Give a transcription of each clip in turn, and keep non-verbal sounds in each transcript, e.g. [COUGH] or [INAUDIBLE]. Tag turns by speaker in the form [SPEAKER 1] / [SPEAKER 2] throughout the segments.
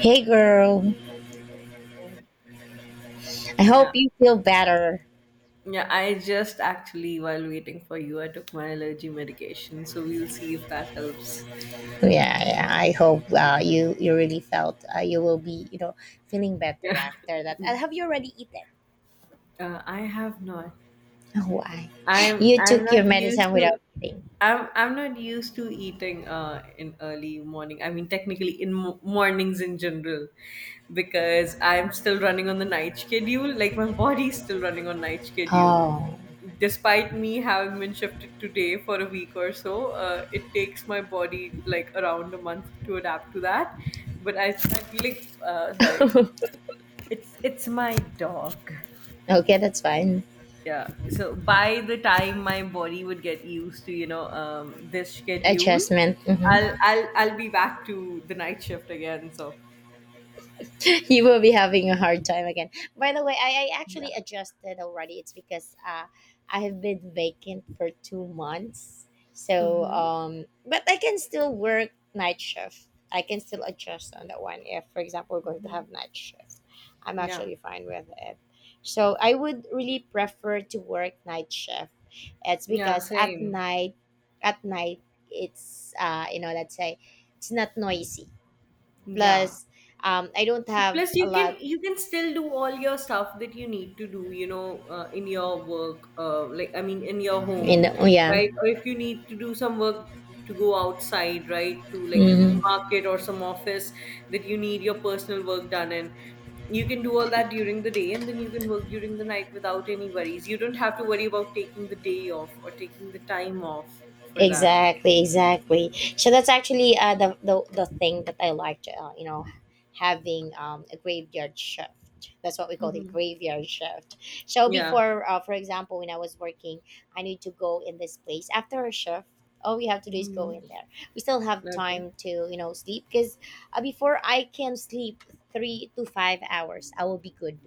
[SPEAKER 1] Hey girl, I hope
[SPEAKER 2] Yeah.
[SPEAKER 1] you feel better.
[SPEAKER 2] Yeah, I just actually, while waiting for you, I took my allergy medication, so we'll see if that helps.
[SPEAKER 1] Yeah, yeah. I hope you really felt you will be feeling better
[SPEAKER 2] Yeah.
[SPEAKER 1] after
[SPEAKER 2] [LAUGHS]
[SPEAKER 1] that. And have you already eaten?
[SPEAKER 2] I have not.
[SPEAKER 1] Oh, why?
[SPEAKER 2] I'm
[SPEAKER 1] You
[SPEAKER 2] I'm
[SPEAKER 1] took your
[SPEAKER 2] not used
[SPEAKER 1] medicine without
[SPEAKER 2] to
[SPEAKER 1] eating.
[SPEAKER 2] I'm not used to eating in early morning. I mean technically in mornings in general because I'm still running on the night schedule. Like my body's still running on night schedule.
[SPEAKER 1] Oh,
[SPEAKER 2] Despite me having been shifted today for a week or so, it takes my body like around a month to adapt to that. But I like
[SPEAKER 1] [LAUGHS]
[SPEAKER 2] sorry,
[SPEAKER 1] okay,
[SPEAKER 2] it's my dog,
[SPEAKER 1] that's fine.
[SPEAKER 2] yeah. So by the time my body would get used to this schedule,
[SPEAKER 1] Adjustment. Mhm.
[SPEAKER 2] I'll be back to the night shift again. So
[SPEAKER 1] [LAUGHS] You will be having a hard time again. By the way, I
[SPEAKER 2] yeah.
[SPEAKER 1] actually adjusted already. It's because I have been vacant for 2 months. So,
[SPEAKER 2] Hmm.
[SPEAKER 1] but I can still work night shift. I can still adjust on that one. If, for example, we're going to have night shift, I'm
[SPEAKER 2] Yeah,
[SPEAKER 1] actually fine with it. So, I would really prefer to work night shift. It's
[SPEAKER 2] yeah,
[SPEAKER 1] because
[SPEAKER 2] same.
[SPEAKER 1] at night, it's, you know, let's say, it's not noisy.
[SPEAKER 2] Yeah,
[SPEAKER 1] Plus, I don't have
[SPEAKER 2] plus you
[SPEAKER 1] a
[SPEAKER 2] can
[SPEAKER 1] lot.
[SPEAKER 2] you can still do all your stuff that you need to do, in your work, like I mean in your
[SPEAKER 1] You
[SPEAKER 2] home,
[SPEAKER 1] know, yeah.
[SPEAKER 2] right? Or if you need to do some work to go outside, right, to like
[SPEAKER 1] Hmm.
[SPEAKER 2] market or some office that you need your personal work done in, you can do all that during the day, and then you can work during the night without any worries. You don't have to worry about taking the day off or taking the time off for that.
[SPEAKER 1] Exactly, exactly. So that's actually the thing that I liked. You know, having a graveyard shift. That's what we call it,
[SPEAKER 2] Mhm.
[SPEAKER 1] graveyard shift. So
[SPEAKER 2] Yeah.
[SPEAKER 1] before, for example, when I was working, I need to go in this place after a shift. All we have to do is go
[SPEAKER 2] Mhm.
[SPEAKER 1] in there. We still have
[SPEAKER 2] Okay.
[SPEAKER 1] time to sleep because before I can sleep 3 to 5 hours, I will be good.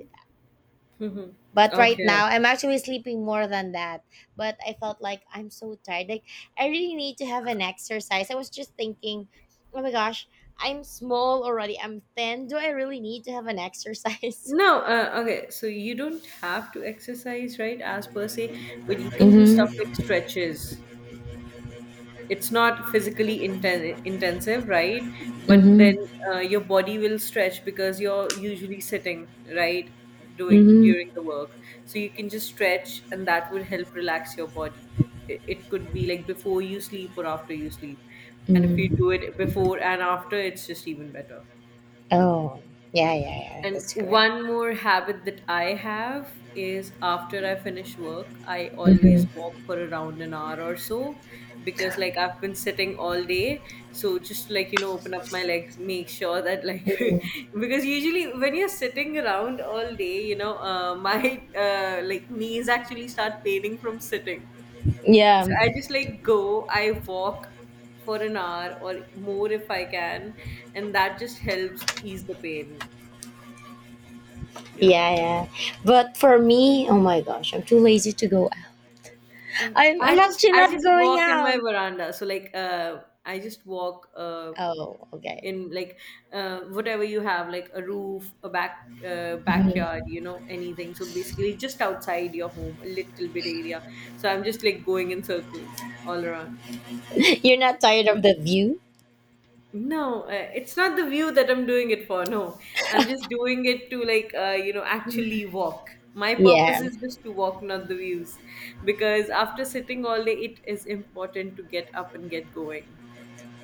[SPEAKER 2] [LAUGHS] Mhm.
[SPEAKER 1] But right
[SPEAKER 2] Okay.
[SPEAKER 1] now, I'm actually sleeping more than that. But I felt like I'm so tired. Like, I really need to have an exercise. I was just thinking, oh my gosh, I'm small already. I'm thin. Do I really need to have an exercise?
[SPEAKER 2] No, okay. So you don't have to exercise, right, as per se, but you can do stuff
[SPEAKER 1] [LAUGHS]
[SPEAKER 2] like stretches. It's not physically intensive, right?
[SPEAKER 1] Mm-hmm.
[SPEAKER 2] But then
[SPEAKER 1] Mm-hmm.
[SPEAKER 2] your body will stretch because you're usually sitting, right, doing
[SPEAKER 1] Mm-hmm.
[SPEAKER 2] during the work. So you can just stretch, and that would help relax your body. It could be like before you sleep or after you sleep, and if you do
[SPEAKER 1] Mm.
[SPEAKER 2] it before and after, it's just even better.
[SPEAKER 1] Oh, yeah, yeah, yeah.
[SPEAKER 2] And
[SPEAKER 1] That's correct.
[SPEAKER 2] one more habit that I have is after I finish work, I always
[SPEAKER 1] Mm-hmm.
[SPEAKER 2] walk for around an hour or so, because like I've been sitting all day. So just like, you know, open up my legs, make sure that like [LAUGHS] because usually when you're sitting around all day, [LAUGHS] my like knees actually start paining from sitting. So
[SPEAKER 1] Yeah,
[SPEAKER 2] I just like go, I walk for an hour or more if I can, and that just helps ease the pain. Yeah.
[SPEAKER 1] yeah, yeah. But for me, oh my gosh, I'm too lazy to go.
[SPEAKER 2] Okay.
[SPEAKER 1] I'm,
[SPEAKER 2] I
[SPEAKER 1] I'm
[SPEAKER 2] just
[SPEAKER 1] actually
[SPEAKER 2] I
[SPEAKER 1] not
[SPEAKER 2] just
[SPEAKER 1] going
[SPEAKER 2] walk in my
[SPEAKER 1] out.
[SPEAKER 2] veranda. So like I just walk
[SPEAKER 1] Oh, okay.
[SPEAKER 2] in like whatever you have, like a roof, a back
[SPEAKER 1] [LAUGHS]
[SPEAKER 2] backyard, you know, anything. So basically just outside your home, a little bit area. So I'm just like going in circles all around.
[SPEAKER 1] You're not tired
[SPEAKER 2] Yeah.
[SPEAKER 1] of the view?
[SPEAKER 2] No, it's not the view that I'm doing it for. No, I'm just doing it to like, you know,
[SPEAKER 1] Yeah,
[SPEAKER 2] actually walk. My purpose
[SPEAKER 1] yeah,
[SPEAKER 2] is just to walk, not the views, because after sitting all day, it is important to get up and get going.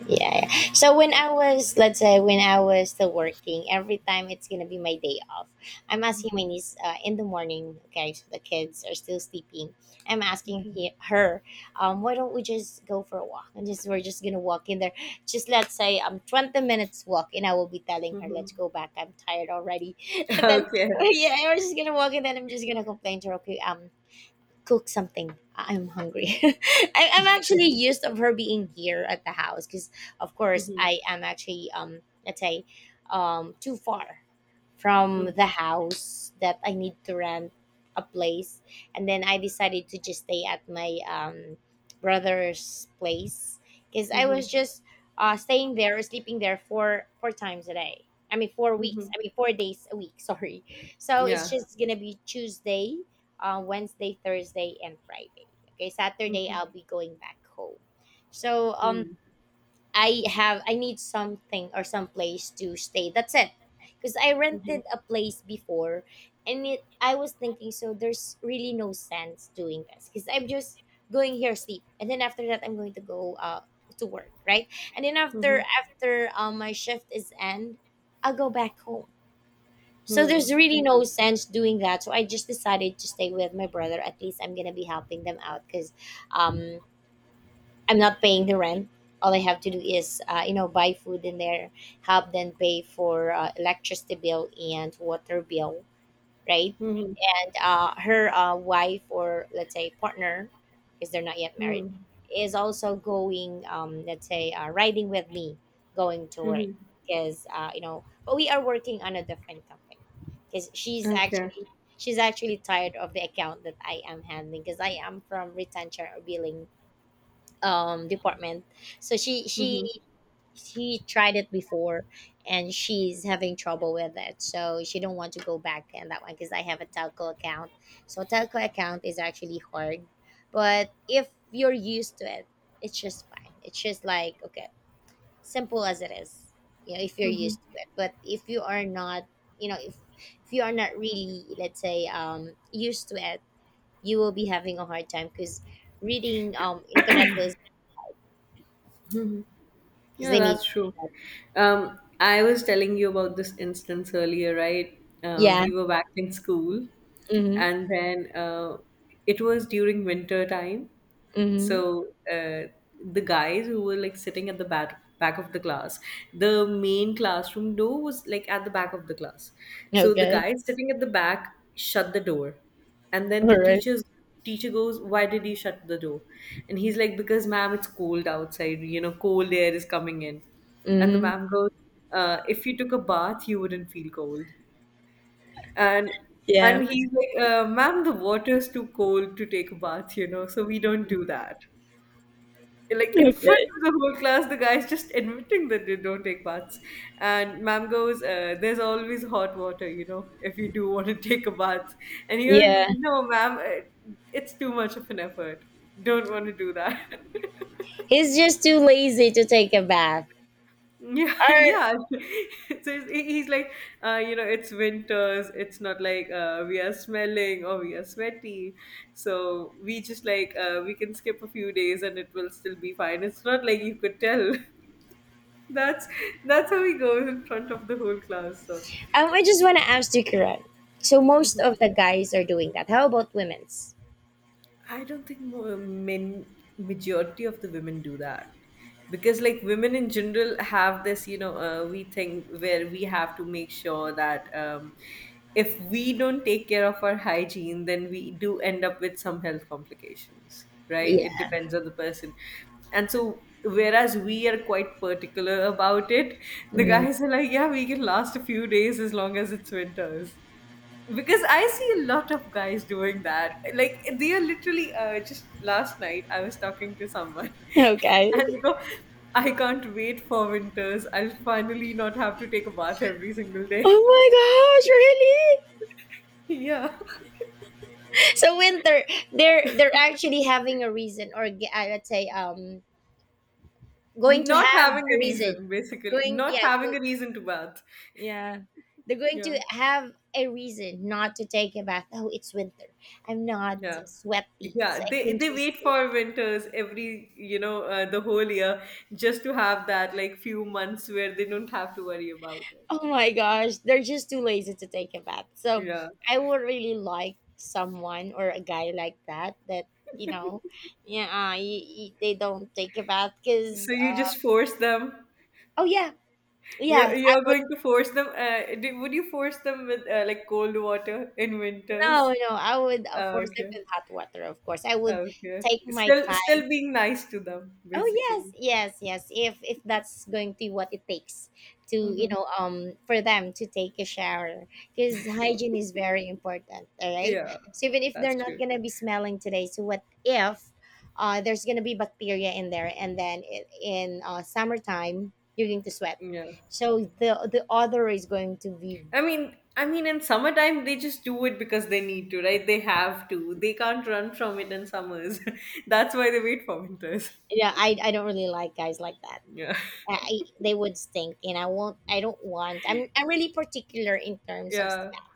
[SPEAKER 1] yeah. So when I was, let's say, when I was still working, every time it's gonna be my day off, I'm asking my niece in the morning. Okay, so the kids are still sleeping. I'm asking her, why don't we just go for a walk and just we're just gonna walk in there. Just let's say 20 minutes walk, and I will be telling her,
[SPEAKER 2] Hmm.
[SPEAKER 1] let's go back. I'm tired already. [LAUGHS] And then
[SPEAKER 2] [LAUGHS] Okay.
[SPEAKER 1] yeah, we're just gonna walk, and then I'm just gonna complain to her. Okay, cook something. I'm hungry. [LAUGHS] I'm actually used of her being here at the house because, of course,
[SPEAKER 2] Hmm.
[SPEAKER 1] I am actually let's say too far from
[SPEAKER 2] Hmm.
[SPEAKER 1] the house that I need to rent a place. And then I decided to just stay at my brother's place because I
[SPEAKER 2] Hmm.
[SPEAKER 1] was just staying there or sleeping there four times a day. I mean, 4 weeks.
[SPEAKER 2] Hmm.
[SPEAKER 1] I mean, 4 days a week. [LAUGHS] Sorry. So it's
[SPEAKER 2] Yeah.
[SPEAKER 1] just gonna be Tuesday, Wednesday, Thursday, and Friday. Okay, Saturday
[SPEAKER 2] Hmm.
[SPEAKER 1] I'll be going back home. So
[SPEAKER 2] Hmm.
[SPEAKER 1] I have I need something or some place to stay. That's it. Because I
[SPEAKER 2] Hmm.
[SPEAKER 1] rented a place before, and it I was thinking so there's really no sense doing this because I'm just going here sleep, and then after that I'm going to go to work right, and then
[SPEAKER 2] Hmm.
[SPEAKER 1] after my shift is end, I'll go back home. So
[SPEAKER 2] Hmm.
[SPEAKER 1] there's really no sense doing that. So I just decided to stay with my brother. At least I'm gonna be helping them out because um I'm not paying the rent. All I have to do is, you know, buy food in there, help them pay for electricity bill and water bill, right?
[SPEAKER 2] Hmm.
[SPEAKER 1] And her wife or let's say partner, because they're not yet
[SPEAKER 2] Hmm.
[SPEAKER 1] married, is also going, let's say, riding with me, going to work,
[SPEAKER 2] Hmm.
[SPEAKER 1] because you know, but we are working on a different company, because
[SPEAKER 2] Okay.
[SPEAKER 1] she's actually tired of the account that I am handling, because I am from retention or billing department, so
[SPEAKER 2] Hmm.
[SPEAKER 1] she tried it before and she's having trouble with it so she don't want to go back in that one because I have a telco account. So telco account is actually hard, but if you're used to it it's just fine, it's just like okay, simple as it is, you know, if you're
[SPEAKER 2] Hmm.
[SPEAKER 1] used to it, but if you are not, you know, if you are not really let's say used to it, you will be having a hard time because reading internet bills because
[SPEAKER 2] Yeah,
[SPEAKER 1] they need.
[SPEAKER 2] that's true. I was telling you about this instance earlier, right? Uh,
[SPEAKER 1] Yeah.
[SPEAKER 2] we were back in school,
[SPEAKER 1] Hmm.
[SPEAKER 2] and then it was during winter time,
[SPEAKER 1] Hmm.
[SPEAKER 2] so the guys who were like sitting at the back of the class, the main classroom door was like at the back of the class. So the
[SPEAKER 1] Okay.
[SPEAKER 2] guys sitting at the back shut the door, and then the
[SPEAKER 1] All right.
[SPEAKER 2] teacher goes, "Why did you shut the door?" And he's like, "Because ma'am, it's cold outside. You know, cold air is coming in." And the
[SPEAKER 1] Mm-hmm.
[SPEAKER 2] ma'am goes, "If you took a bath, you wouldn't feel cold." And
[SPEAKER 1] Yeah.
[SPEAKER 2] and he's like, "Ma'am, the water is too cold to take a bath. You know, so we don't do that." Like in front
[SPEAKER 1] Okay.
[SPEAKER 2] of the whole class, the guys just admitting that they don't take baths. And ma'am goes, there's always hot water, you know, if you do want to [LAUGHS] take a bath. And he goes,
[SPEAKER 1] Yeah.
[SPEAKER 2] "No, ma'am, it- it's too much of an effort. Don't want to do that." [LAUGHS]
[SPEAKER 1] He's just too lazy to take a bath.
[SPEAKER 2] Yeah,
[SPEAKER 1] Or
[SPEAKER 2] yeah. [LAUGHS] So he's like, you know, it's winters, it's not like we are smelling or we are sweaty, so we just like, we can skip a few days and it will still be fine. It's not like you could tell. [LAUGHS] That's that's how he goes in front of the whole class. So
[SPEAKER 1] I just want to ask you, Kiran. So most
[SPEAKER 2] Mhm.
[SPEAKER 1] of the guys are doing that. How about women's?
[SPEAKER 2] I don't think more men majority of the women do that, because like women in general have this, you know, we think, where we have to make sure that if we don't take care of our hygiene, then we do end up with some health complications, right? It
[SPEAKER 1] Yeah.
[SPEAKER 2] depends on the person. And so, whereas we are quite particular about it, the
[SPEAKER 1] Mm.
[SPEAKER 2] guys are like, yeah, we can last a few days as long as it's winters. Because I see a lot of guys doing that. Like they are literally, just last night I was talking to someone [LAUGHS]
[SPEAKER 1] Okay.
[SPEAKER 2] and they go, I can't wait for winters, I'll finally not have to take a bath every single day.
[SPEAKER 1] Oh my gosh! Really?
[SPEAKER 2] [LAUGHS] Yeah.
[SPEAKER 1] So winter, they're actually having a reason, or let's say, going to
[SPEAKER 2] not
[SPEAKER 1] have
[SPEAKER 2] having
[SPEAKER 1] a
[SPEAKER 2] a
[SPEAKER 1] reason.
[SPEAKER 2] reason Basically
[SPEAKER 1] Going,
[SPEAKER 2] not
[SPEAKER 1] yeah.
[SPEAKER 2] having a reason to bath.
[SPEAKER 1] Yeah. They're going
[SPEAKER 2] Yeah.
[SPEAKER 1] to have a reason not to take a bath. Oh, it's winter. I'm not
[SPEAKER 2] Yeah.
[SPEAKER 1] sweaty. So
[SPEAKER 2] Yeah,
[SPEAKER 1] I
[SPEAKER 2] they
[SPEAKER 1] can
[SPEAKER 2] they
[SPEAKER 1] just,
[SPEAKER 2] wait for winters every, you know, the whole year, just to have that like few months where they don't have to worry about it.
[SPEAKER 1] oh my gosh, they're just too lazy to take a bath. So
[SPEAKER 2] Yeah.
[SPEAKER 1] I would really like someone or a guy like that, that, you know, yeah, y y they don't take a bath
[SPEAKER 2] So
[SPEAKER 1] because,
[SPEAKER 2] you just force them.
[SPEAKER 1] oh yeah,
[SPEAKER 2] You're
[SPEAKER 1] yeah, I
[SPEAKER 2] you're
[SPEAKER 1] would,
[SPEAKER 2] going to force them. Would you force them with, like cold water in winters?
[SPEAKER 1] no, no, I would
[SPEAKER 2] Ah,
[SPEAKER 1] force them
[SPEAKER 2] okay.
[SPEAKER 1] with hot water, of course. I
[SPEAKER 2] Ah,
[SPEAKER 1] would
[SPEAKER 2] okay.
[SPEAKER 1] take my
[SPEAKER 2] Still,
[SPEAKER 1] time.
[SPEAKER 2] still being nice to them,
[SPEAKER 1] Oh yes,
[SPEAKER 2] basically.
[SPEAKER 1] yes, yes. If that's going to be what it takes to
[SPEAKER 2] Hmm.
[SPEAKER 1] for them to take a shower, because hygiene is very important. All right.
[SPEAKER 2] Yeah,
[SPEAKER 1] So even if
[SPEAKER 2] that's
[SPEAKER 1] they're not
[SPEAKER 2] true.
[SPEAKER 1] gonna be smelling today, so what if there's gonna be bacteria in there, and then in summertime you're going to sweat,
[SPEAKER 2] Yeah.
[SPEAKER 1] so the odor is going to be.
[SPEAKER 2] I mean, in summertime they just do it because they need to, right? They have to. They can't run from it in summers. [LAUGHS] That's why they wait for winters.
[SPEAKER 1] Yeah, I don't really like guys like that.
[SPEAKER 2] Yeah. [LAUGHS]
[SPEAKER 1] I, they would stink and I won't I don't want I'm really particular in terms of
[SPEAKER 2] Yeah.
[SPEAKER 1] smell,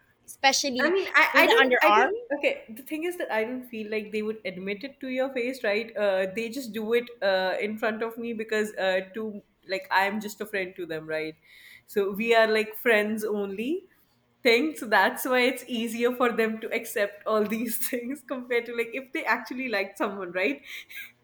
[SPEAKER 2] I
[SPEAKER 1] especially
[SPEAKER 2] mean, I,
[SPEAKER 1] with
[SPEAKER 2] I
[SPEAKER 1] the
[SPEAKER 2] don't, I
[SPEAKER 1] underarm.
[SPEAKER 2] don't, okay. The thing is that I don't feel like they would admit it to your face, right? They just do it in front of me because like, I'm just a friend to them, right? So we are like friends only thing. So that's why it's easier for them to accept all these [LAUGHS] things compared to, like, if they actually liked someone, right? [LAUGHS]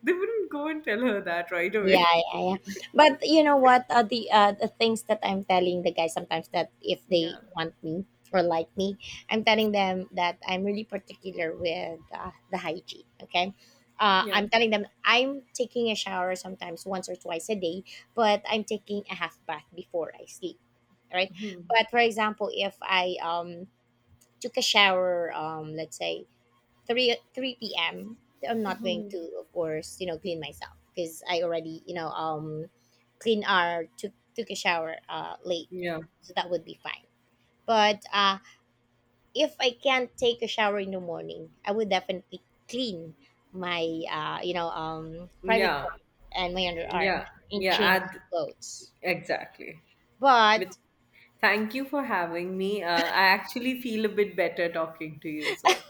[SPEAKER 2] They wouldn't go and tell her that right
[SPEAKER 1] Yeah,
[SPEAKER 2] away.
[SPEAKER 1] yeah, yeah. But you know what? The things that I'm telling the guys sometimes that if they
[SPEAKER 2] Yeah.
[SPEAKER 1] want me or like me, I'm telling them that I'm really particular with the hygiene. Okay,
[SPEAKER 2] Yeah.
[SPEAKER 1] I'm telling them I'm taking a shower sometimes once or twice a day, but I'm taking a half bath before I sleep. Right.
[SPEAKER 2] Hmm.
[SPEAKER 1] But for example, if I took a shower let's say 3 3 p.m. I'm not going to
[SPEAKER 2] Mhm.
[SPEAKER 1] of course you know clean myself because I already you know clean or took a shower late,
[SPEAKER 2] Yeah.
[SPEAKER 1] so that would be fine. But uh, if I can't take a shower in the morning, I would definitely clean my you know private
[SPEAKER 2] Yeah.
[SPEAKER 1] part and my underarm
[SPEAKER 2] Yeah.
[SPEAKER 1] and
[SPEAKER 2] Yeah.
[SPEAKER 1] change
[SPEAKER 2] Ad-
[SPEAKER 1] clothes,
[SPEAKER 2] exactly. With
[SPEAKER 1] but
[SPEAKER 2] thank you for having me. I actually feel a bit better talking to you. So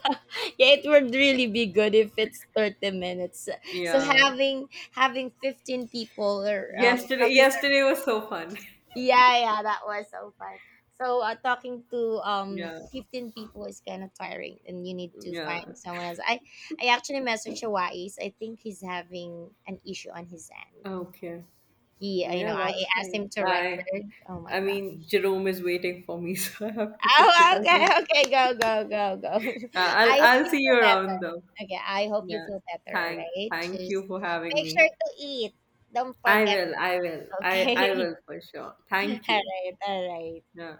[SPEAKER 1] yeah, it would really be good if it's 30 minutes. So so
[SPEAKER 2] yeah,
[SPEAKER 1] having 15 people or talking to
[SPEAKER 2] yesterday was so fun. [LAUGHS]
[SPEAKER 1] yeah, yeah, that was so fun. So talking to
[SPEAKER 2] Yeah,
[SPEAKER 1] 15 people is kind of tiring and you need to find
[SPEAKER 2] yeah.
[SPEAKER 1] someone else. I actually messaged Hawaii. I think he's having an issue on his end.
[SPEAKER 2] Okay.
[SPEAKER 1] He, you
[SPEAKER 2] Yeah,
[SPEAKER 1] know, I
[SPEAKER 2] that's
[SPEAKER 1] asked
[SPEAKER 2] fine.
[SPEAKER 1] him to record. Oh
[SPEAKER 2] I
[SPEAKER 1] my god. [LAUGHS]
[SPEAKER 2] mean Jerome is waiting for me, [LAUGHS] so I have to get to
[SPEAKER 1] Oh, okay,
[SPEAKER 2] that.
[SPEAKER 1] okay, go, go, go, go.
[SPEAKER 2] Uh,
[SPEAKER 1] [LAUGHS]
[SPEAKER 2] I'll
[SPEAKER 1] I hope
[SPEAKER 2] I'll
[SPEAKER 1] you
[SPEAKER 2] see you
[SPEAKER 1] feel better.
[SPEAKER 2] around though.
[SPEAKER 1] Okay, I hope you
[SPEAKER 2] Yeah.
[SPEAKER 1] feel better, right.
[SPEAKER 2] Thank you
[SPEAKER 1] Just
[SPEAKER 2] for having
[SPEAKER 1] make
[SPEAKER 2] me.
[SPEAKER 1] sure to eat. Don't
[SPEAKER 2] I
[SPEAKER 1] forget,
[SPEAKER 2] will. I will. I
[SPEAKER 1] okay?
[SPEAKER 2] will for sure. Thank
[SPEAKER 1] [LAUGHS]
[SPEAKER 2] you.
[SPEAKER 1] Alright, alright.
[SPEAKER 2] Yeah.